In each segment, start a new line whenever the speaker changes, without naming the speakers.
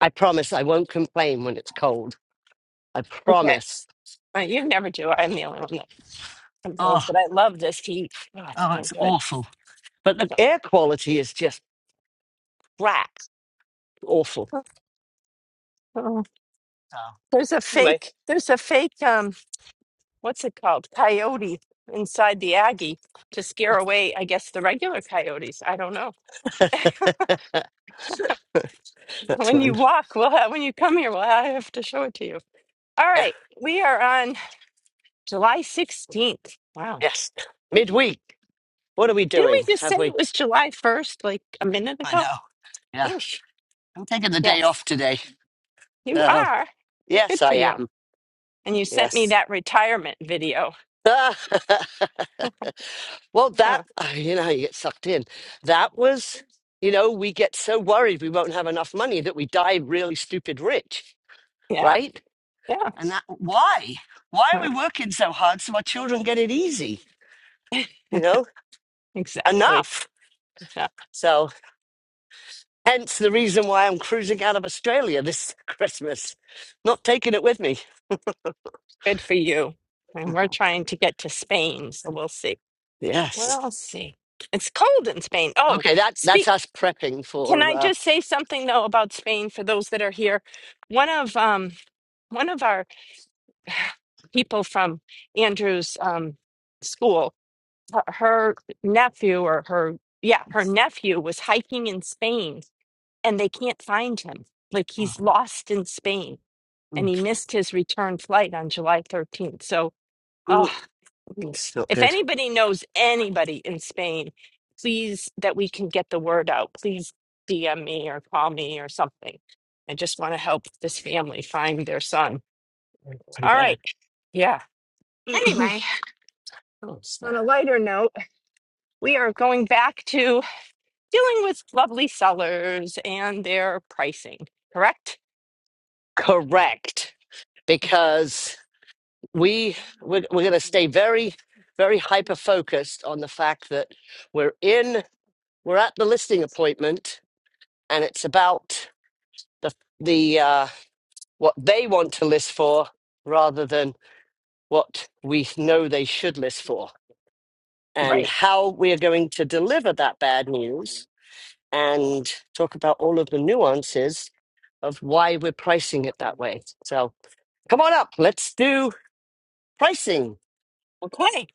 I promise I won't complain when it's cold. I
Okay.
promise.
Uh, you never do. I'm the only one that complains,
Oh,
but I love this heat. Oh, it's
oh,
so
it's
good.
awful. But the
So,
air quality is just crap. Awful.
oh,
So
there's a
anyway,
fake, there's a fake, um, what's it called? Coyote inside the Aggie to scare away, I guess, the regular coyotes. I don't know.
that's
When you
one.
walk, we'll have, when you come here, we'll I have to show it to you. All
Yeah.
right. We are on July 16th. Wow.
Yes. Midweek. What are we
Didn't
doing?
we just say
Have we?
it was July 1st like a minute
I know.
ago?
Yeah.
Oh,
I'm taking the day
yes,
off today.
you
So
are.
yes,
Good
I
for you.
am.
And you sent me
Yes.
that retirement video.
well, that
Huh.
uh, you know, how you get sucked in. That was, you know, we get so worried we won't have enough money that we die really stupid rich
Yeah,
right?
yeah,
And that why? Why are
huh,
we working so hard so our children get it easy? You know,
exactly.
enough.
Yeah,
So hence the reason why I'm cruising out of Australia this Christmas, not taking it with me.
Good for you. And we're trying to get to Spain, so we'll see.
Yes.
We'll see. It's cold in Spain. Oh,
Okay, that that's
speak.
us prepping
Can
for.
I
Uh,
just say something though about Spain for those that are here? One of um one of our people from Andrew's um school, her her nephew or her yeah, her nephew was hiking in Spain and they can't find him. Like
oh,
he's lost in Spain and
mm,
he missed his return flight on July 13th. So, oh,
mm, it's not
if
good.
anybody knows anybody in Spain, please that we can get the word out. Please DM me or call me or something. I just want to help this family find their son.
Pretty
All
bad.
right. Yeah. Anyway,
What's
on a
that?
lighter note, we are going back to dealing with lovely sellers and their pricing, correct?
Correct, because we we're, we're going to stay very, very hyper focused on the fact that we're in. we're at the listing appointment and it's about the the uh what they want to list for rather than what we know they should list for and
Right.
how we are going to deliver that bad news and talk about all of the nuances of why we're pricing it that way so come on up let's do pricing
Okay.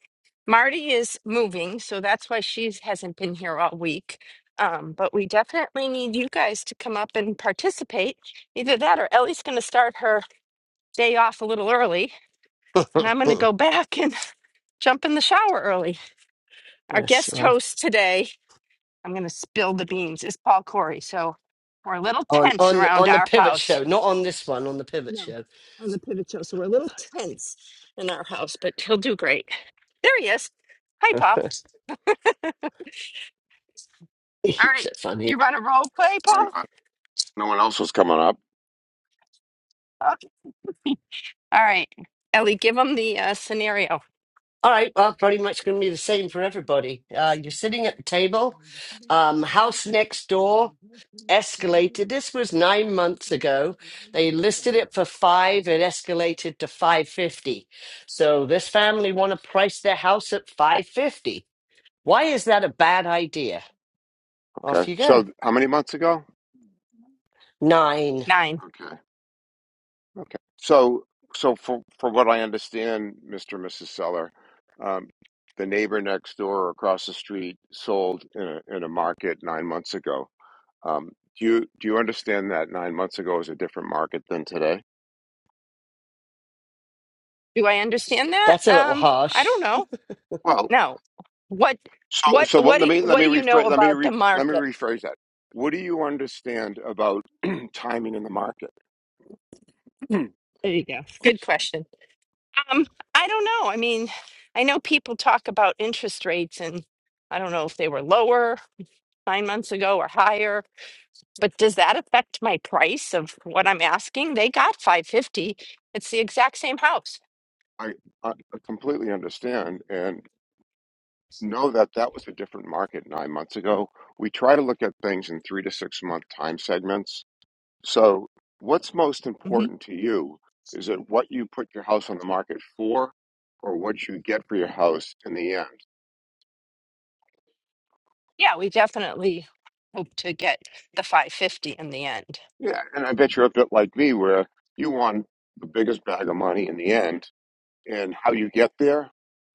Marty is moving, so that's why she hasn't been here all week. Um, but we definitely need you guys to come up and participate. Either that or Ellie's going to start her day off a little early, and I'm going to go back and jump in the shower early. Our
yes
guest
well
host today, I'm going to spill the beans, is Paul Corey. So we're a little
on
tense
on
around
on the
our
pivot
house.
show not on this one on the pivot
No,
show
on the pivot show. So we're a little tense in our house, but he'll do great. There he is. Hi, Paul. All
it's
right.
so funny
You want a role play,
Why
Paul?
not? No one else was coming up.
Okay. All right. Ellie, give him the uh, scenario.
All right, well, pretty much going to be the same for everybody. Uh, you're sitting at the table. Um, house next door escalated. This was nine months ago. They listed it for five. It escalated to five fifty. So this family want to price their house at five fifty. Why is that a bad idea?
Okay.
Off you go.
So how many months ago?
Nine.
Nine.
Okay. Okay. So so for for what I understand, Mr. and Mrs. Seller, um, the neighbor next door or across the street sold in a in a market nine months ago. Um, do you do you understand that nine months ago is a different market than today?
Do I understand that?
That's a little
Um, I
harsh.
don't know.
Well,
No. What?
so
What?
so what,
What?
let
Do,
me let
what
me
do you know
rephrase let me
about the
re, let me
market?
rephrase that. What do you understand about timing in the market?
There you go. Good question. Um, I don't know. I mean, I know people talk about interest rates, and I don't know if they were lower nine months ago or higher, but does that affect my price of what I'm asking? They got 550. It's the exact same house.
I, I completely understand, and. know that that was a different market nine months ago. We try to look at things in three to six month time segments. So, what's most
hmm
important to you? Is it what you put your house on the market for or what you get for your house in the end?
Yeah, we definitely hope to get the 550 in the end.
Yeah, and I bet you're a bit like me where you want the biggest bag of money in the end, and how you get there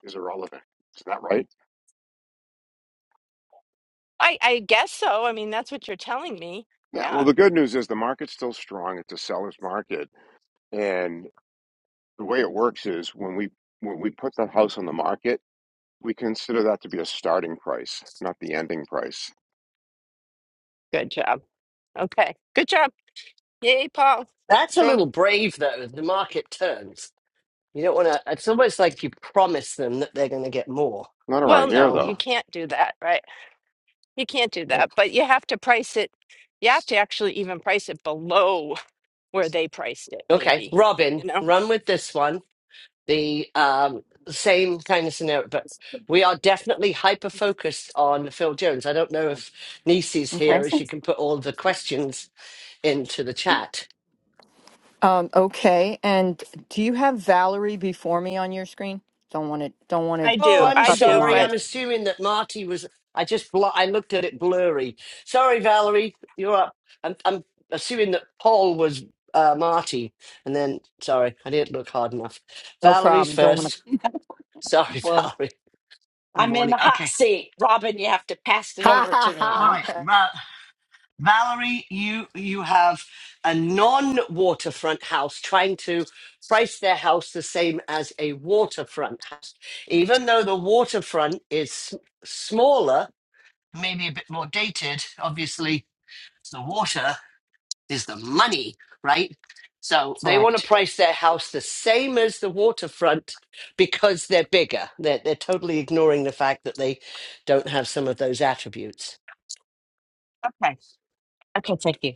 is irrelevant. Isn't that right?
I, I guess so. I mean, that's what you're telling me.
Yeah, well,
Yeah.
the good news is the market's still strong. It's a seller's market. and. the way it works is when we when we put the house on the market, we consider that to be a starting price, not the ending price.
Good job. Okay. Good job. Yay, Paul.
That's a
Show
little
'em.
brave though. The market turns. You don't want to. It's almost like you promise them that they're going to get more.
Not around
Well,
here
no,
So.
though.
you can't do that, right? You can't do
yeah.
that, but you have to price it. You have to actually even price it below where they priced it,
Okay,
maybe.
Robin,
You know,
run with this one. The um, same kind of scenario, but we are definitely hyper focused on Phil Jones. I don't know if Nisi's
Okay.
here, as she can put all the questions into the chat.
Um, okay, and do you have Valerie before me on your screen? Don't want to. Don't
I
want to
Oh,
do,
uh,
I'm
I
cut the
do,
sorry.
line.
but
I'm assuming that Marty was. I just bl- I looked at it blurry. Sorry, Valerie, you're up. I'm, I'm assuming that Paul was uh, Marty, and then sorry, I didn't look hard enough.
No
Valerie's
problem. Don't want to.
first. Sorry,
Well,
Valerie. Good
I'm in
morning.
the
Okay.
hot seat. Robin, you have to pass it
Ha
over to me.
All
Uh,
ha
right,
ha.
Va- Valerie, you you have a non-waterfront house trying to price their house the same as a waterfront house, even though the waterfront is s- smaller, maybe a bit more dated. Obviously, the water is the money, right? So they want to
Correct.
price their house the same as the waterfront because they're bigger. They're, they're totally ignoring the fact that they don't have some of those attributes.
okay. Okay, thank you.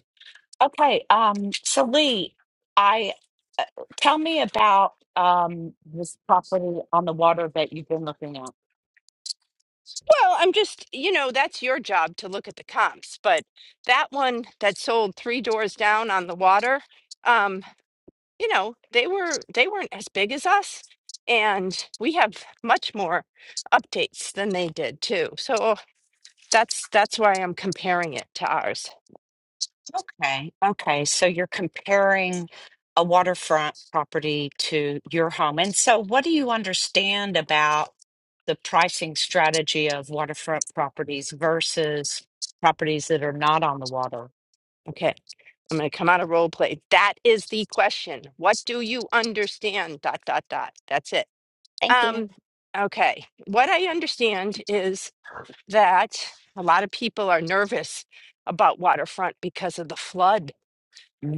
Okay, um, so Lee, I tell me about um this property on the water that you've been looking at.
well, I'm just, you know, that's your job to look at the comps. But that one that sold three doors down on the water, um, you know, they were they weren't as big as us, and we have much more updates than they did too. So oh, that's that's why I'm comparing it to ours.
Okay. Okay, so you're comparing a waterfront property to your home. And so what do you understand about the pricing strategy of waterfront properties versus properties that are not on the water?
Okay. I'm going to come out of role play. That is the question. What do you understand? Dot, dot, dot. That's it.
Thank
Um, okay. What I understand is that a lot of people are nervous about waterfront because of the flood,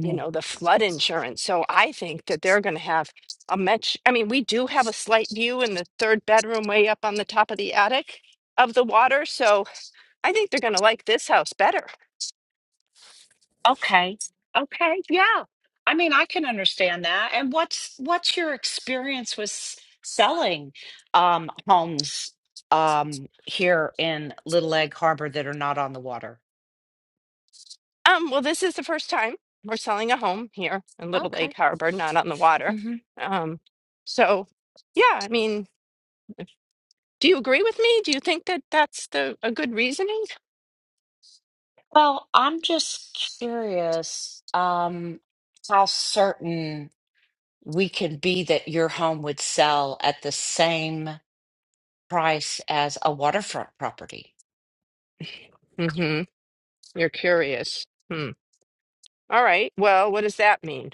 you know, the flood insurance. So I think that they're going to have a much, I mean, we do have a slight view in the third bedroom way up on the top of the attic of the water. So I think they're going to like this house better
Okay. Okay. Yeah. I mean, I can understand that. And what's what's your experience with s- selling um homes um here in Little Egg Harbor that are not on the water?
Um, well, this is the first time we're selling a home here in Little
Okay.
Lake Harbor, not on the water.
hmm
Um, so yeah, I mean, do you agree with me? Do you think that that's the a good reasoning?
Well, I'm just curious um how certain we can be that your home would sell at the same price as a waterfront property.
Mm-hmm. You're curious. Hmm. All right. Well, what does that mean?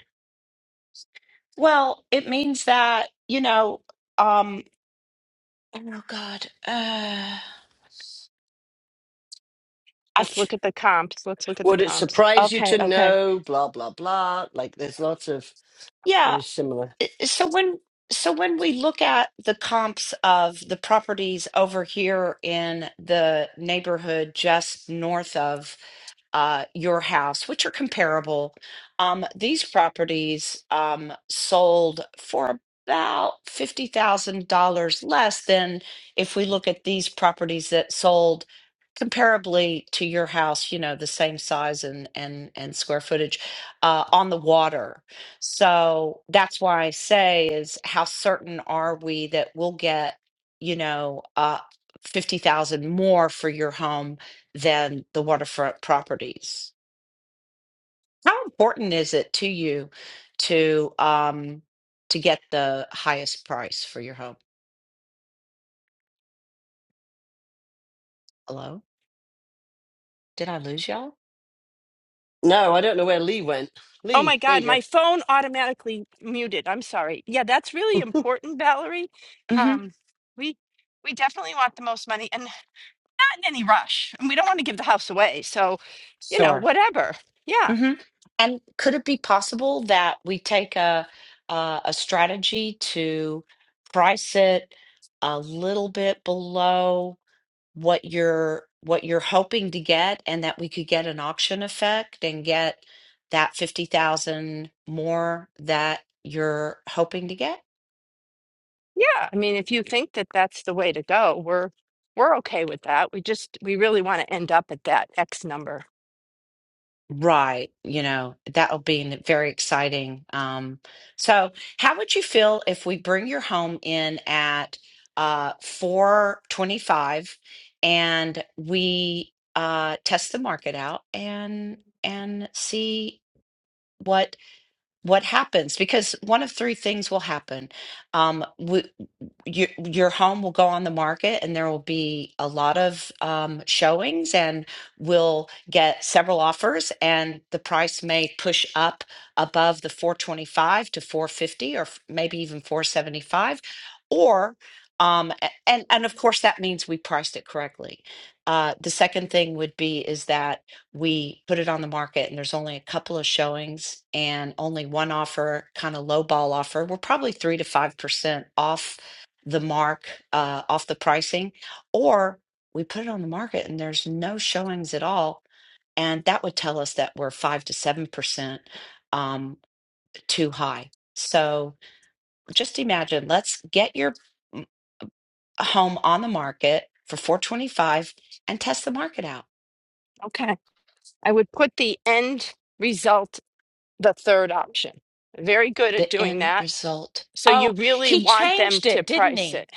Well, it means that, you know, um Oh God. Uh, I
Let's
f-
look at the comps. Let's look at the
Would it
comps.
surprise you
okay,
to
okay.
know? Blah blah blah. Like there's lots of
Yeah.
very similar.
i- So when so when we look at the comps of the properties over here in the neighborhood just north of uh, your house, which are comparable. Um, these properties um, sold for about fifty thousand dollars less than if we look at these properties that sold comparably to your house. You know, the same size and and and square footage uh, on the water. So that's why I say is how certain are we that we'll get you know uh, fifty thousand more for your home than the waterfront properties. How important is it to you to um to get the highest price for your home? Hello? Did I lose y'all?
No, I don't know where Lee went.
Oh
Lee,
my
there
God,
you
my phone automatically muted. I'm sorry. Yeah, that's really
go.
important, Valerie.
Mm-hmm.
Um, we we definitely want the most money. And in any rush and we don't want to give the house away. So, you know,
Sure.
whatever. Yeah.
Mm-hmm. And could it be possible that we take a a, a strategy to price it a little bit below? what you're what you're hoping to get and that we could get an auction effect and get that 50,000 more that you're hoping to get?
Yeah. I mean, if you think that that's the way to go, we're, we're okay with that. We just, we really want to end up at that X number.
Right, you know, that'll be n- very exciting. Um so how would you feel if we bring your home in at uh 425 and we uh test the market out and and see what what happens because one of three things will happen um w your your home will go on the market and there will be a lot of um showings and we'll get several offers and the price may push up above the 425 to 450 or f- maybe even 475 or um a- and and of course that means we priced it correctly uh the second thing would be is that we put it on the market and there's only a couple of showings and only one offer, kind of low ball offer. We're probably three to five percent off the mark, uh, off the pricing, or we put it on the market and there's no showings at all, and that would tell us that we're five to seven percent um, too high. So just imagine, let's get your mm, home on the market for 425 and test the market out.
Okay. I would put the end result, the third option. Very good at
the
doing
end
that.
result.
So you
Oh,
really
he
want them
changed
to
it, didn't
price
he?
it.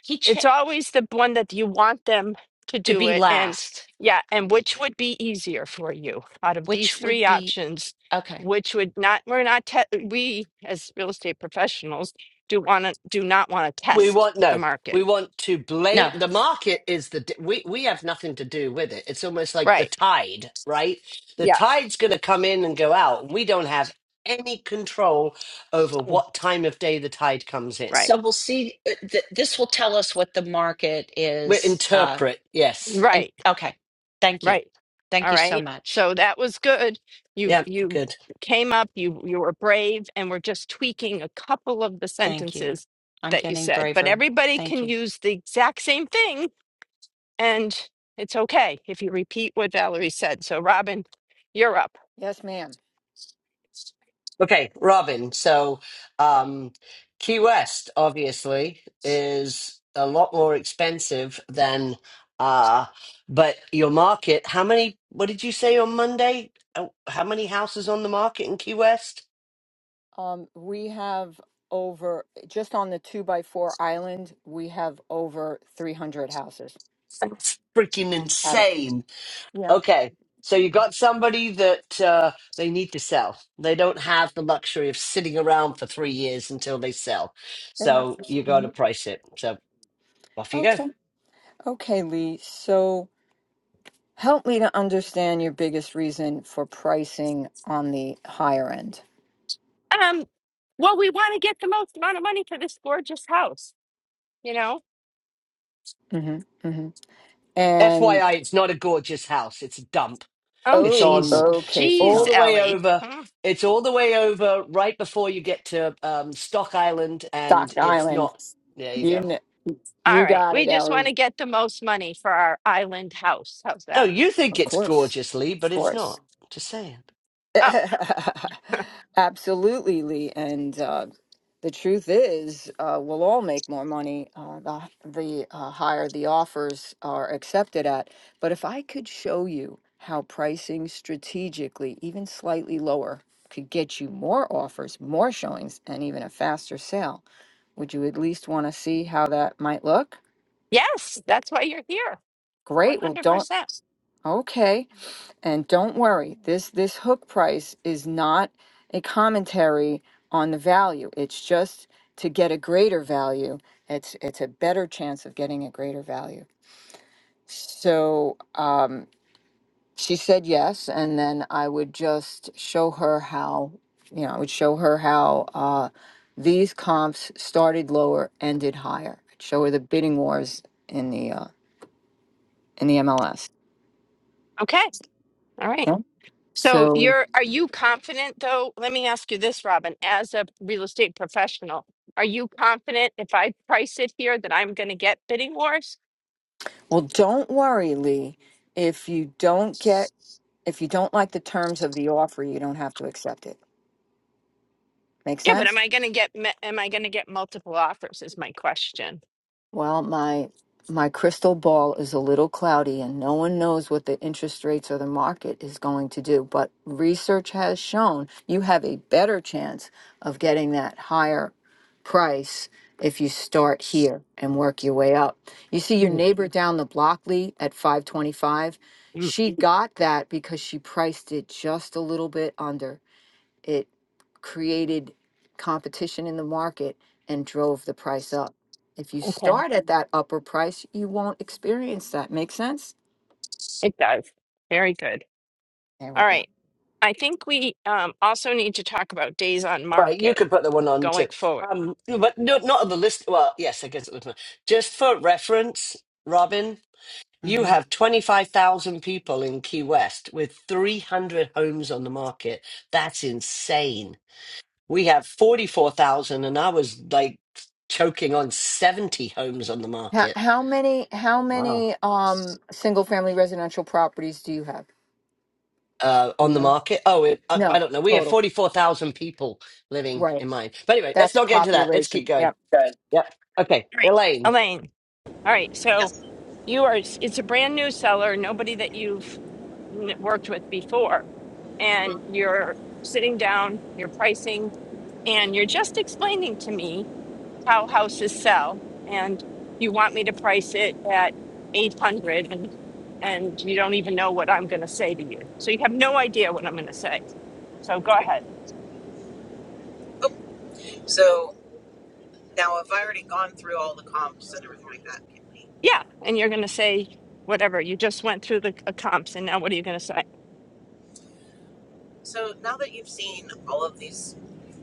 He cha-
It's always the one that you want them to
to
do
be
it. And
last,
yeah, and which would be easier for you out of these
which would
three
be
options?
okay.
Which would not, we're not, te- we as real estate professionals do want to, do not want to
we
test
want
the
no.
market.
We want to blame
No.
the market. Is the d- we we have nothing to do with it. It's almost like the
Right.
tide, right? The
Yeah.
tide's going to come in and go out, and we don't have any control over
Oh.
what time of day the tide comes in.
Right.
So we'll see. uh, Th- this will tell us what the market
We
is. Uh,
interpret. Yes.
and
Right.
okay, thank you,
Right.
thank
All
you so
right.
much.
So that was good. You,
Yeah.
you
Good.
came up, you, you were brave and we're just tweaking a couple of the
Thank you.
sentences
I'm
that you
getting
said, but
braver.
everybody
Thank
can
you.
use the exact same thing and it's okay if you repeat what Valerie said. So, Robin, you're up.
Yes, ma'am.
Okay, Robin. So, um, Key West obviously is a lot more expensive than, uh, but your market, how many, what did you say on Monday? Uh, How many houses on the market in Key West?
Um, we have over just on the two by four island. We have over three hundred houses.
That's freaking
Got it.
insane.
Yeah,
Okay. So you got somebody that uh, they need to sell. They don't have the luxury of sitting around for three years until they sell.
it
So
happens.
you got
hmm
to price it. So off you go.
Okay. Okay, Lee. So help me to understand your biggest reason for pricing on the higher end.
Um, well, we want to get the most amount of money for this gorgeous house, you know?
Mm-hmm. mm
FYI, it's not a gorgeous house. It's a dump.
Oh,
It's
Oh,
jeez,
on
okay. So
all
jeez,
down
the way
Ellie.
over.
Mm.
It's all the way over right before you get to um, Stock Island, and
Stockton
it's
Island.
not. There you
You
go.
kn-
All
you
right,
got it,
we just want
Ellie.
to get the most money for our island house. How's
Oh,
that?
you think
Of
it's
course,
gorgeous, Lee,
of
but it's
course.
not. Just saying.
Oh,
Absolutely, Lee. And uh, the truth is, uh, we'll all make more money uh, the the uh, higher the offers are accepted at. But if I could show you how pricing strategically, even slightly lower, could get you more offers, more showings, and even a faster sale, would you at least want to see how that might look?
yes, that's why you're here.
Great. Well, don't
100%.
okay. And don't worry. This this hook price is not a commentary on the value. It's just to get a greater value. It's it's a better chance of getting a greater value. So um, she said yes, and then I would just show her how you know I would show her how uh, these comps started lower, ended higher. I'd show her the bidding wars in the uh, in the MLS.
Okay, all right.
Yeah.
So
So
you're are you confident though? Let me ask you this, Robin, as a real estate professional, are you confident if I price it here that I'm going to get bidding wars?
Well, don't worry, Lee. If you don't get, if you don't like the terms of the offer, you don't have to accept it. Make
Yeah, but
sense?
am I going to get me- am I going to get multiple offers is my question.
Well, my my crystal ball is a little cloudy and no one knows what the interest rates or the market is going to do, but research has shown you have a better chance of getting that higher price if you start here and work your way up. You see your
Mm,
neighbor down the block, Lee, at 525,
mm.
she got that because she priced it just a little bit under it created competition in the market and drove the price up. If you
Okay,
start at that upper price, you won't experience that. Make sense?
it does. Very good.
There we
All
go.
right. I think we um, also need to talk about days on
All right, you
market
could put the one on
going
too.
forward.
Um, but no, not on the list. Well, yes, I guess it was. my- Just for reference, Robin, you
hmm
have 25,000 people in Key West with 300 homes on the market. That's insane We have 44,000, and I was like choking on 70 homes on the
How,
market.
how many how
Wow.
many um single family residential properties do you have?
Uh,
You
on the
know?
market. Oh, it, I, I
No,
don't know. We have
total.
44,000 people living
Right.
in mine. But anyway, let's
That's
not get into that. Let's keep
population.
going.
Yep.
Yep. Okay.
All right,
Elaine.
Elaine. All right. So You are, it's it's a brand new seller, nobody that you've n- worked with before. And you're sitting down, you're pricing, and you're just explaining to me how houses sell. And you want me to price it at 800 and and you don't even know what I'm going to say to you. So you have no idea what I'm going to say. So go
Okay.
ahead.
Oh, so now I've already gone through all the comps and everything like that.
Yeah. And you're going to say whatever. You just went through the c- comps and now what are you going to say?
So now that you've seen all of these,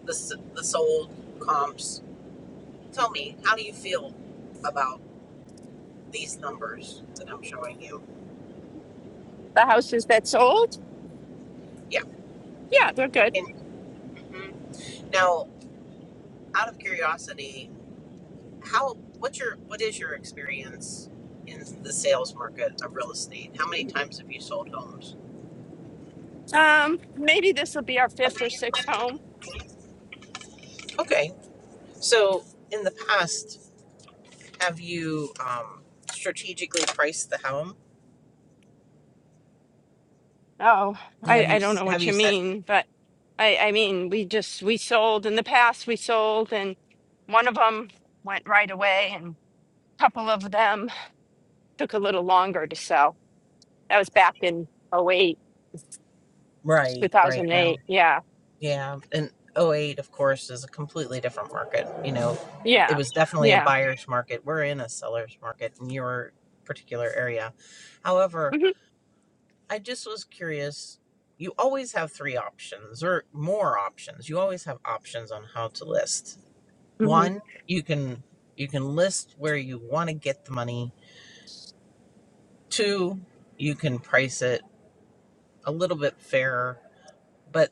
the the sold comps, tell me how do you feel about these numbers that I'm showing you?
The houses that sold?
Yeah, yeah.
Yeah, they're good.
And now, out of curiosity, how what's your what is your experience in the sales market of real estate? How many times have you sold homes?
Um, maybe this will be our fifth or sixth home.
Okay, so in the past. Have you um strategically priced the home?
Oh, I,
Have you
I don't know
have
what
you
you
set
mean, but I, I mean, we just, we sold in the past, we sold and one of them went right away and a couple of them took a little longer to sell. That was back in oh eight two
right, right
thousand
now?
eight. Yeah.
Yeah, and '08, of course is a completely different market. You know, it
Yeah.
was definitely a
Yeah.
buyer's market. We're in a seller's market in your particular area. However,
hmm
I just was curious. You always have three options or more options. You always have options on how to list.
hmm
One, you can you can list where you want to get the money. Two, you can price it a little bit fairer. But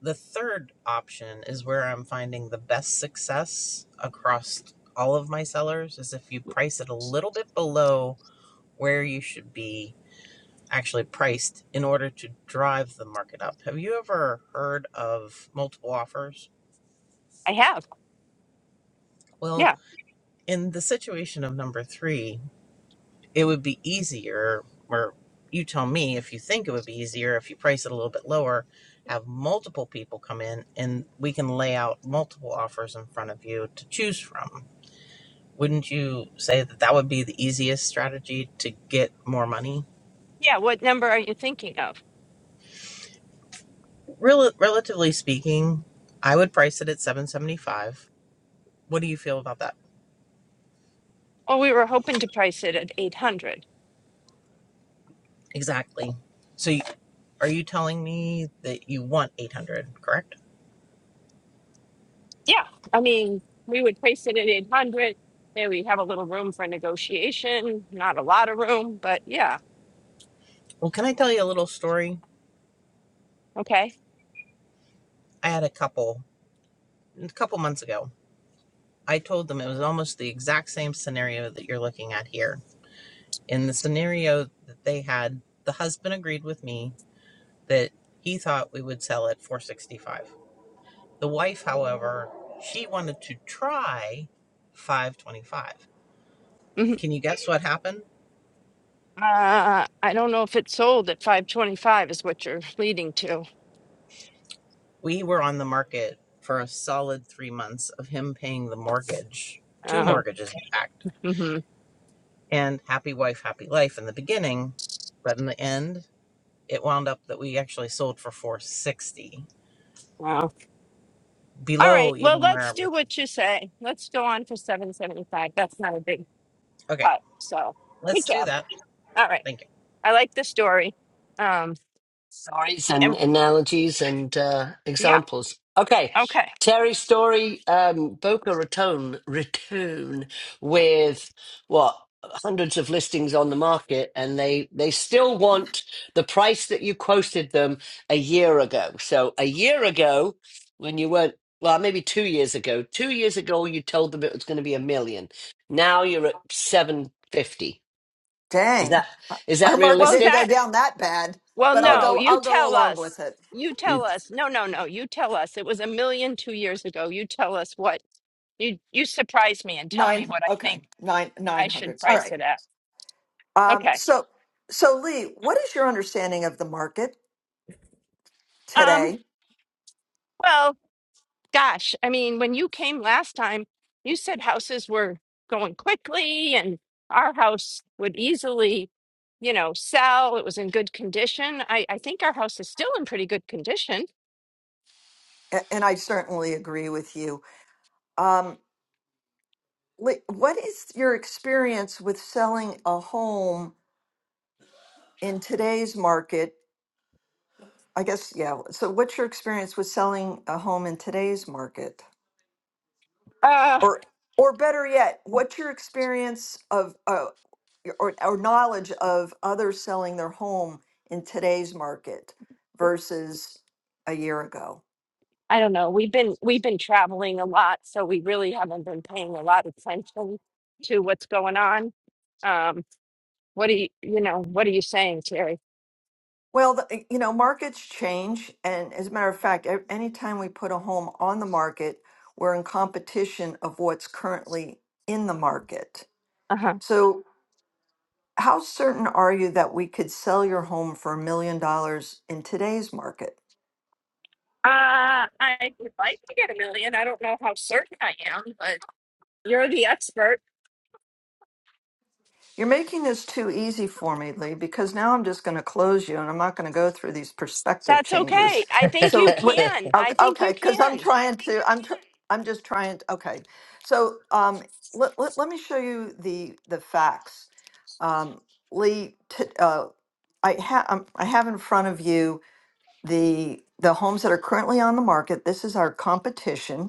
the third option is where I'm finding the best success across all of my sellers is if you price it a little bit below where you should be actually priced in order to drive the market up. Have you ever heard of multiple offers?
I have.
Well,
Yeah.
in the situation of number 3, it would be easier or you tell me if you think it would be easier if you price it a little bit lower have multiple people come in and we can lay out multiple offers in front of you to choose from wouldn't you say that that would be the easiest strategy to get more money
Yeah. What number are you thinking of?
Rel- relatively speaking i would price it at 775 what do you feel about that
Oh, we were hoping to price it at 800.
exactly so you, are you telling me that you want 800 correct
Yeah, I mean, we would place it at 800. Maybe we have a little room for negotiation, not a lot of room, but yeah,
well can i tell you a little story
okay.
i had a couple a couple months ago. I told them it was almost the exact same scenario that you're looking at here. In the scenario that they had, the husband agreed with me that he thought we would sell at 465. The wife, however, she wanted to try 525.
hmm
Can you guess what happened?
Uh, I don't know if it sold at 525 is what you're leading to.
We were on the market for a solid 3 months of him paying the mortgage, two
Oh,
mortgages in fact.
mm-hmm.
And happy wife, happy life in the beginning, but in the end, it wound up that we actually sold for 460
Wow. All right.
below
Well,
even where I
let's
was.
do what you say. Let's go on for 775. That's not a big
Okay,
cut. So good
let's do
job.
that.
All right.
Thank you.
I like the story. Um,
stories and
and
analogies and uh,
yeah.
examples. Okay,
Okay.
Terry Story, um, Boca Raton, Raton, with what hundreds of listings on the market, and they they still want the price that you quoted them a year ago. So a year ago, when you weren't. Well, maybe two years ago. Two years ago, you told them it was going to be a million. Now you're at seven fifty. Is
Dang.
that is
Our
that
market
Well, is
didn't go
that?
realistic?
down that bad,
Well,
but I'll
All
no,
go
you
I'll go
tell
along
us.
with it.
You tell
right.
us. No, no, no. You tell us. It was a million two years ago. You tell us what you you surprise me and tell me
9
what I
okay,
think
9
I
900.
should
All
price
right.
it at.
Um
Okay.
so so Lee, what is your understanding of the market
Um,
today?
well, gosh, I mean, when you came last time, you said houses were going quickly and our house would easily, you know, sell. It was in good condition. I, I think our house is still in pretty good condition.
A- And I certainly agree with you. Um Lee, what is your experience with selling a home in today's market? I guess yeah. So what's your experience with selling a home in today's market?
Uh,
Or or better yet, what's your experience of? uh, or, or knowledge of others selling their home in today's market versus a year ago?
I don't know. We've been we've been traveling a lot, so we really haven't been paying a lot of attention to what's going on. Um, what do you, you know, what are you saying, Terry?
Well, the, eh, you know, markets change. And as a matter of fact, a- anytime we put a home on the market, we're in competition of what's currently in the market.
Uh-huh.
So, how certain are you that we could sell your home for a million dollars in today's market?
Uh, I would like to get a million. I don't know how certain I am, but you're the expert.
You're making this too easy for me, Lee, because now I'm just going to close you and I'm not going to go through these perspective
That's
changes.
okay. I think
So,
you
what,
can. I think
okay,
you
because I'm
can.
trying to, I'm, tr- I'm just trying to, okay. So, um, let, let, let me show you the, the facts. Um, Lee, t- uh, I ha- um, I have in front of you the, the homes that are currently on the market. This is our competition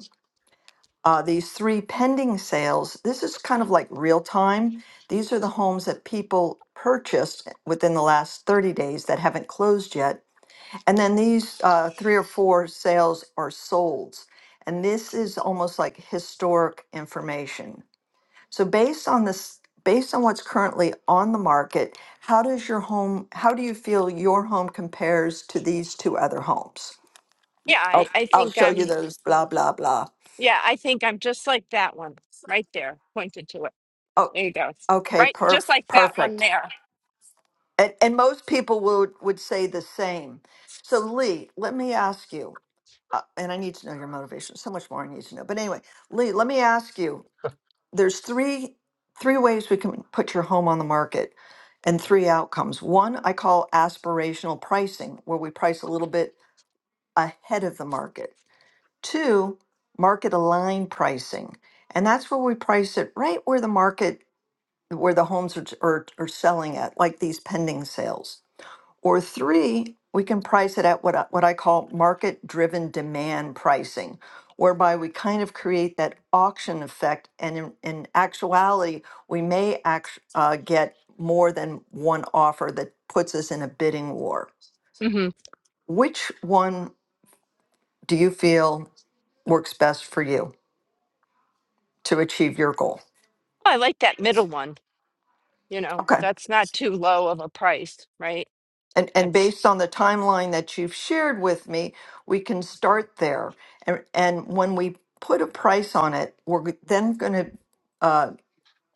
uh, these three pending sales, this is kind of like real time. These are the homes that people purchased within the last 30 days that haven't closed yet. And then these uh, three or four sales are solds. And this is almost like historic information. So based on this, based on what's currently on the market, how does your home, how do you feel your home compares to these two other homes?
Yeah,
I'll,
I, I
I'll
think
show you
I'm,
those blah, blah, blah.
yeah, I think I'm just like that one right there, pointed to it.
Oh,
There you go.
okay,
Right, just
perf-
like that one
perfect.
there.
And, and most people would, would say the same. So, Lee, let me ask you, uh, and I need to know your motivation. So much more I need to know. But anyway, Lee, let me ask you. There's three three ways we can put your home on the market, and three outcomes. One I call aspirational pricing, where we price a little bit ahead of the market. Two, market aligned pricing, and that's where we price it right where the market where the homes are, are, are selling at, like these pending sales. Or three, we can price it at what I, what I call market driven demand pricing, whereby we kind of create that auction effect. And in, in actuality, we may act, uh, get more than one offer that puts us in a bidding war.
hmm
Which one do you feel works best for you to achieve your goal?
I like that middle one. You know,
Okay.
that's not too low of a price, right?
And, and
That's
based on the timeline that you've shared with me, we can start there. And, and when we put a price on it, we're g- then going to uh,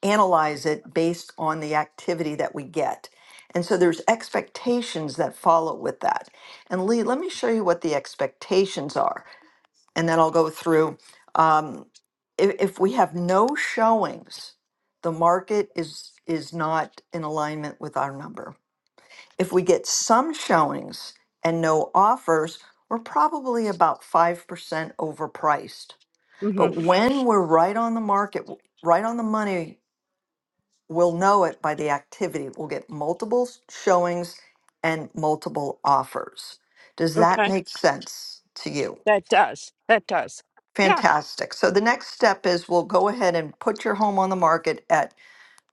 analyze it based on the activity that we get. And so there's expectations that follow with that. And Lee, let me show you what the expectations are, and then I'll go through. Um, if, if we have no showings, the market is is not in alignment with our number if we get some showings and no offers, we're probably about 5% overpriced.
hmm
But when we're right on the market, w- right on the money, we'll know it by the activity. We'll get multiple s- showings and multiple offers. Does that
okay.
make sense to you?
That does. That does. Yeah,
Fantastic. So the next step is we'll go ahead and put your home on the market at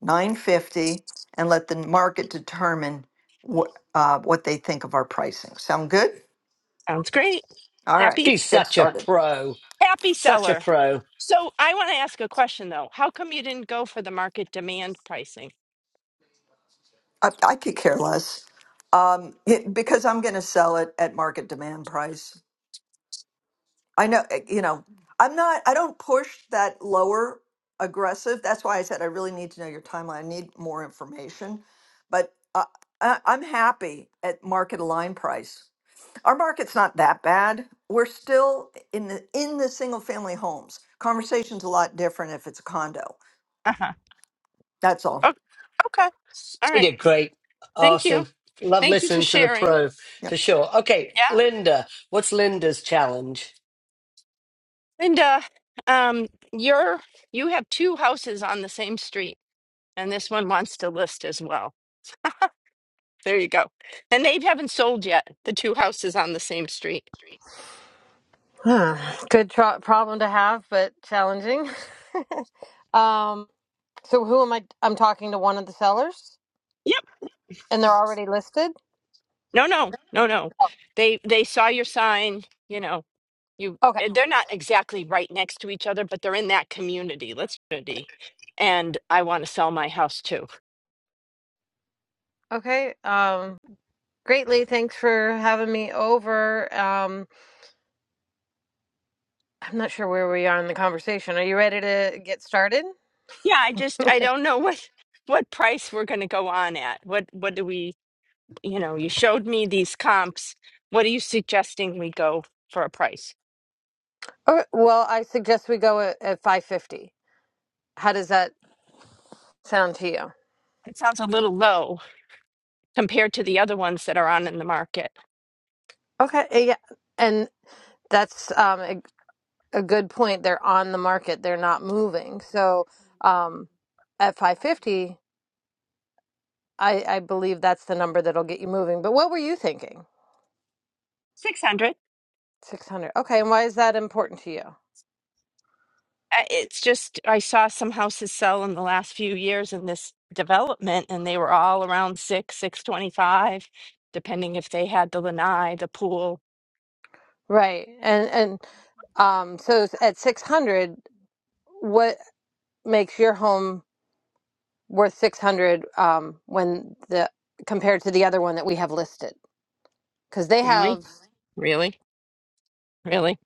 950 and let the market determine what, uh, what they think of our pricing. Sound good?
sounds great.
All right,
Happy,
She's
let's get
such a
started.
pro,
happy
such a
seller.
pro.
So I want to ask a question though. How come you didn't go for the market demand pricing?
I, I could care less um, it- because I'm going to sell it at market demand price. I know, eh, you know, I'm not, I don't push that lower aggressive. That's why I said I really need to know your timeline. I need more information, but uh, I, I'm happy at market align price. Our market's not that bad. We're still in the in the single family homes. Conversation's a lot different if it's a condo.
Uh-huh.
That's all.
Oh, okay. All
She
right.
did great.
Thank
Awesome.
you.
Love
Thank you for
listening to the
sharing.
pro for sure. Okay,
Yeah.
Linda, what's Linda's challenge?
And uh um you're you have two houses on the same street and this one wants to list as well. There you go. And they haven't sold yet, the two houses on the same street.
Huh. Good tro- problem to have, but challenging. um, so who am I? I'm talking to one of the sellers,
Yep.
and they're already listed.
No, no, no, no. They they saw your sign. You know, you
Okay.
eh, they're not exactly right next to each other, but they're in that community. Let's community. And I want to sell my house too.
Okay. Um, greatly. Thanks for having me over. Um, I'm not sure where we are in the conversation. Are you ready to get started?
Yeah, I just I don't know what what price we're going to go on at. What what do we? You know, you showed me these comps. What are you suggesting we go for a price?
Okay, well, I suggest we go at, at 550. How does that sound to you?
It sounds a little low compared to the other ones that are on in the market.
Okay. Yeah. And that's um, a good point. They're on the market. They're not moving. So um, at 550, I, I believe that's the number that'll get you moving. But what were you thinking?
600.
600. Okay, and why is that important to you?
I- it's just I saw some houses sell in the last few years in this development, and they were all around six, six twenty-five, depending if they had the lanai, the pool.
Right. And and um, so s- at 600, what makes your home worth 600 um, when the compared to the other one that we have listed? Because they
Really,
have
really, really.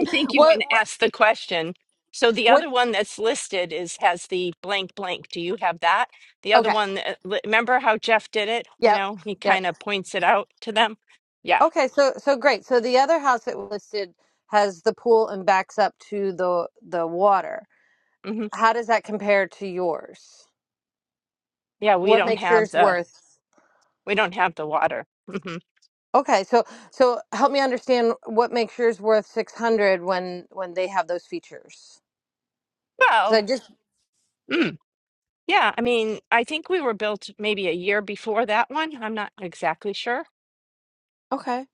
I think you
what
want to
what
ask the question. So the
what?
other one that's listed is has the blank blank. Do you have that? The other
Okay.
one, that- li- remember how Jeff did it? You
Yep.
know, he
Yep.
kind of points it out to them. Yeah,
Okay, so so great. So the other house that was listed has the pool and backs up to the the water.
hmm
How does that compare to yours?
yeah. We
What
don't
makes
have
yours
the
worth?
we don't have the water. hmm
Okay, so so help me understand what makes yours worth 600 when when they have those features. So I
Well.
just
Yeah, I mean, I think we were built maybe a year before that one. I'm not exactly sure.
okay.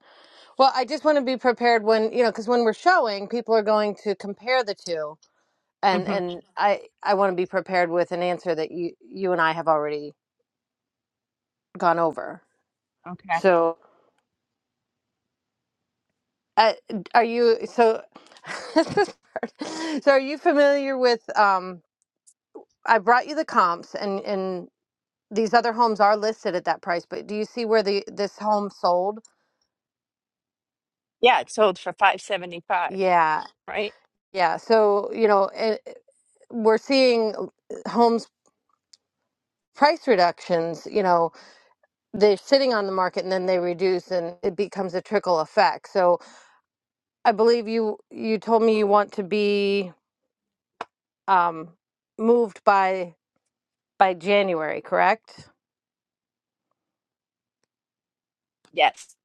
Well, I just want to be prepared when, you know, cuz when we're showing, people are going to compare the two and
hmm
and I I want to be prepared with an answer that you you and I have already gone over.
Okay.
So Uh, d- are you so? this is hard. so are you familiar with? Um, I brought you the comps, and and these other homes are listed at that price. But do you see where the this home sold?
Yeah, it sold for 575,
Yeah,
right?
yeah. So you know, it, we're seeing l- homes price reductions. You know, they're sitting on the market and then they reduce, and it becomes a trickle effect. So I believe you you told me you want to be um, moved by by January, correct?
Yes.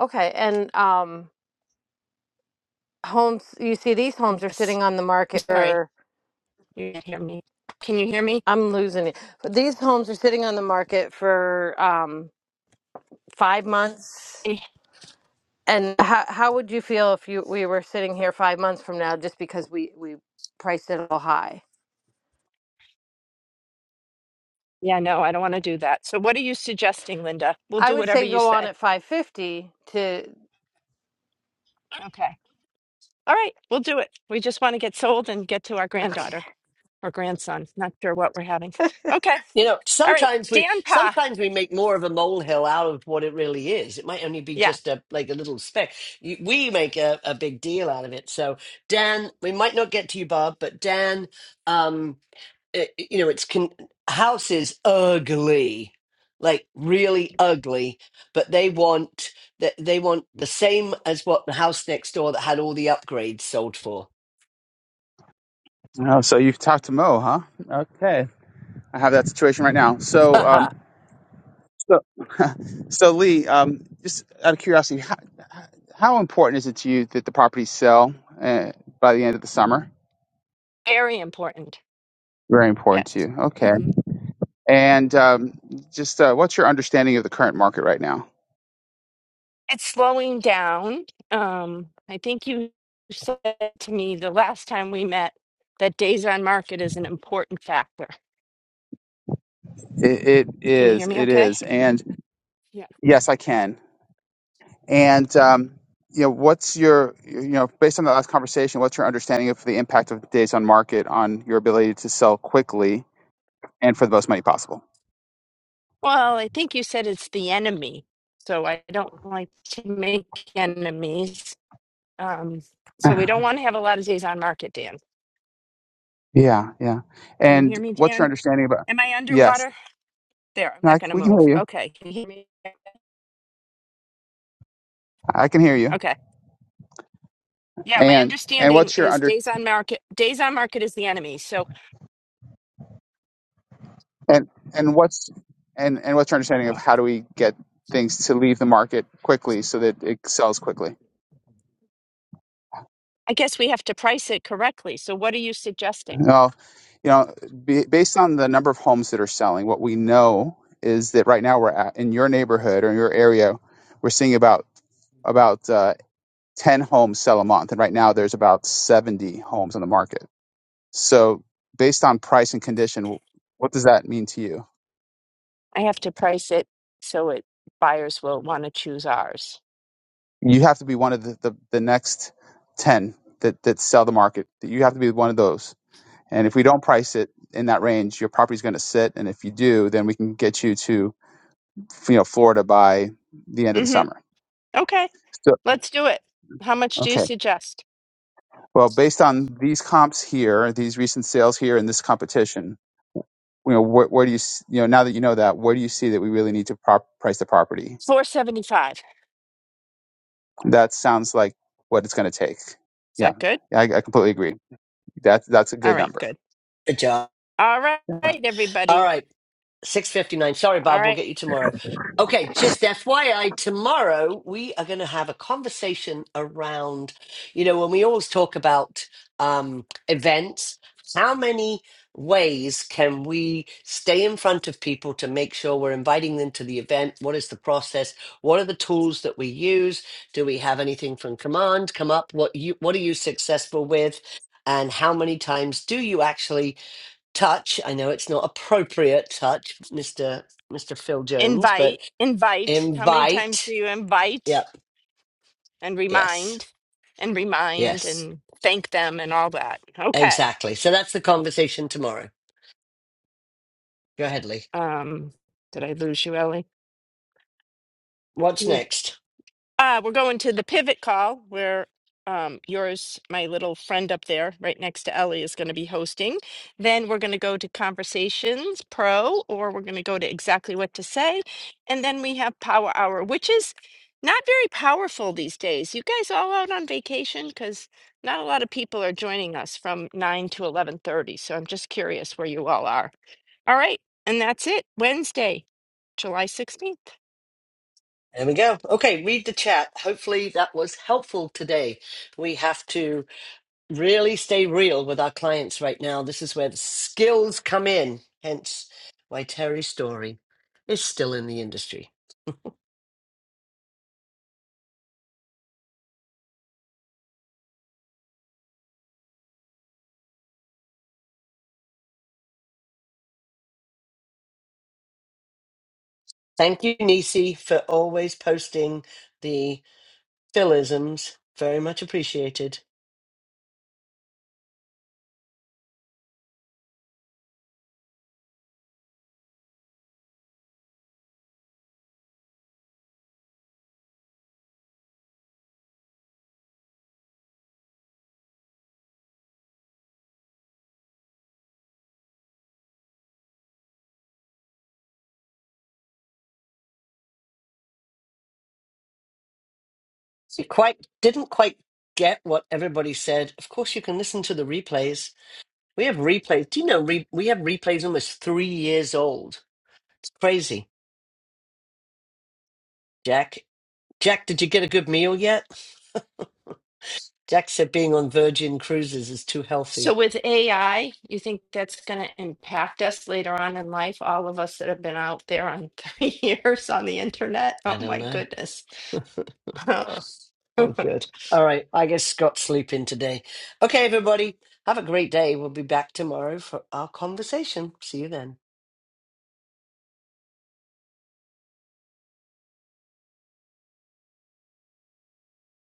Okay, and um, homes, you see, these homes are
Yes.
sitting on the
I'm
market
sorry.
for,
You can't hear me. Can you hear me?
I'm losing it. These homes are sitting on the market for um, five months.
Eh,
And how how would you feel if you we were sitting here five months from now just because we we priced it a little high?
Yeah, no, I don't want to do that. So what are you suggesting, Linda? We'll
I
do
would
whatever
say
you
go on
say.
at 550 to
Okay. All right, we'll do it. We just want to get sold and get to our granddaughter or grandson. Not sure what we're having. Okay.
You know,
All right.
sometimes we
Dan Pa.
sometimes we make more of a molehill out of what it really is. It might only be
Yeah,
just a like a little speck. You- We make a, a big deal out of it. So Dan, we might not get to you, Bob, but Dan, um, it, you know it's con- house is ugly like really ugly but they want that they want the same as what the house next door that had all the upgrades sold for
Oh, so you've talked to Mo, huh? Okay. I have that situation right now. So, um,
Haha,
so, so Lee, um, just out of curiosity, how, how important is it to you that the properties sell uh, by the end of the summer?
very important.
Very important to
Yes.
you. Okay.
Mm-hmm.
And um, just uh, what's your understanding of the current market right now?
it's slowing down. Um, I think you said to me the last time we met that days on market is an important factor.
It, it
Can you hear
is.
me
It
okay?
is. And
Yeah.
yes, I can. And um, you know, what's your you know, based on the last conversation, what's your understanding of the impact of days on market on your ability to sell quickly? and for the most money possible.
Well, I think you said it's the enemy. So I don't like to make enemies. Um, so we don't want to have a lot of days on market, Dan.
yeah, yeah.
Can you
And
hear me,
what's your
Dan?
understanding about?
Am I
Yes,
underwater? There, I'm
No,
not
I,
going to
we can
move.
hear you.
Okay. Can you hear me?
I can hear you.
Okay. Yeah, my
And and
understanding
what's your
is
under
days on market days on market is the enemy. So
and and what's and and what's your understanding of how do we get things to leave the market quickly so that it sells quickly?
I guess we have to price it correctly. So what are you suggesting?
Well, you know, be, based on the number of homes that are selling, what we know is that right now we're at, in your neighborhood or in your area, we're seeing about about uh, 10 homes sell a month and right now there's about 70 homes on the market So, based on price and condition, what does that mean to you?
I have to price it so it buyers will want to choose ours.
You have to be one of the, the, the next 10 that, that sell the market. You have to be one of those. And if we don't price it in that range, your property's going to sit. And if you do, then we can get you to you know Florida by the end of the
Mm-hmm.
summer.
Okay,
So,
let's do it. How much do you
okay.
suggest?
Well, based on these comps here, these recent sales here, and this competition, you know, where, where do you s- you know now that you know that, where do you see that we really need to prop, price the property?
Four seventy-five.
That sounds like what it's going to take.
Is
Yeah,
that good?
I, I completely agree. That's that's a
All
good
right,
number.
good.
good job
All right,
all
everybody.
right Six fifty nine. Sorry,
All
Bob. We'll get
right,
you tomorrow. Okay, just FYI, tomorrow we are going to have a conversation around, you know, when we always talk about um, events, how many ways can we stay in front of people to make sure we're inviting them to the event? What is the process? What are the tools that we use? Do we have anything from command come up? What you what are you successful with? And how many times do you actually? touch. I know it's not appropriate touch, Mister Mister Phil Jones, but
invite, invite. How many times do
invite.
you
Yep.
invite and
Yes.
remind and remind
Yes.
and thank them and all that? Okay.
Exactly. So that's the conversation tomorrow. Go ahead, Lee.
Um, did I lose you, Ellie?
What's
Can you?
next?
Uh, we're going to the pivot call where um, yours, my little friend up there, right next to Ellie, is going to be hosting. Then we're going to go to Conversations Pro, or we're going to go to Exactly What to Say. And then we have Power Hour, which is not very powerful these days. You guys all out on vacation? Because not a lot of people are joining us from 9 to 11.30. So I'm just curious where you all are. All right. And that's it. Wednesday, July 16th.
There we go. Okay, read the chat. Hopefully that was helpful today. We have to. really stay real with our clients right now. This is where the skills come in, hence why Terry's Story is still in the industry. Thank you, Nisi, for always posting the philisms. Very much appreciated. You quite didn't quite get what everybody said. Of course, you can listen to the replays. We have replays. Do you know re- we have replays almost three years old? It's crazy. Jack, Jack, did you get a good meal yet? Jack said being on Virgin Cruises is too
So
healthy.
with AI, you think that's going to impact us later on in life? All of us that have been out there on three years on the internet? Oh
I don't
my
know.
goodness.
Oh, good. All right. I guess Scott's sleeping today. Okay, everybody, have a great day. We'll be back tomorrow for our conversation. See you then.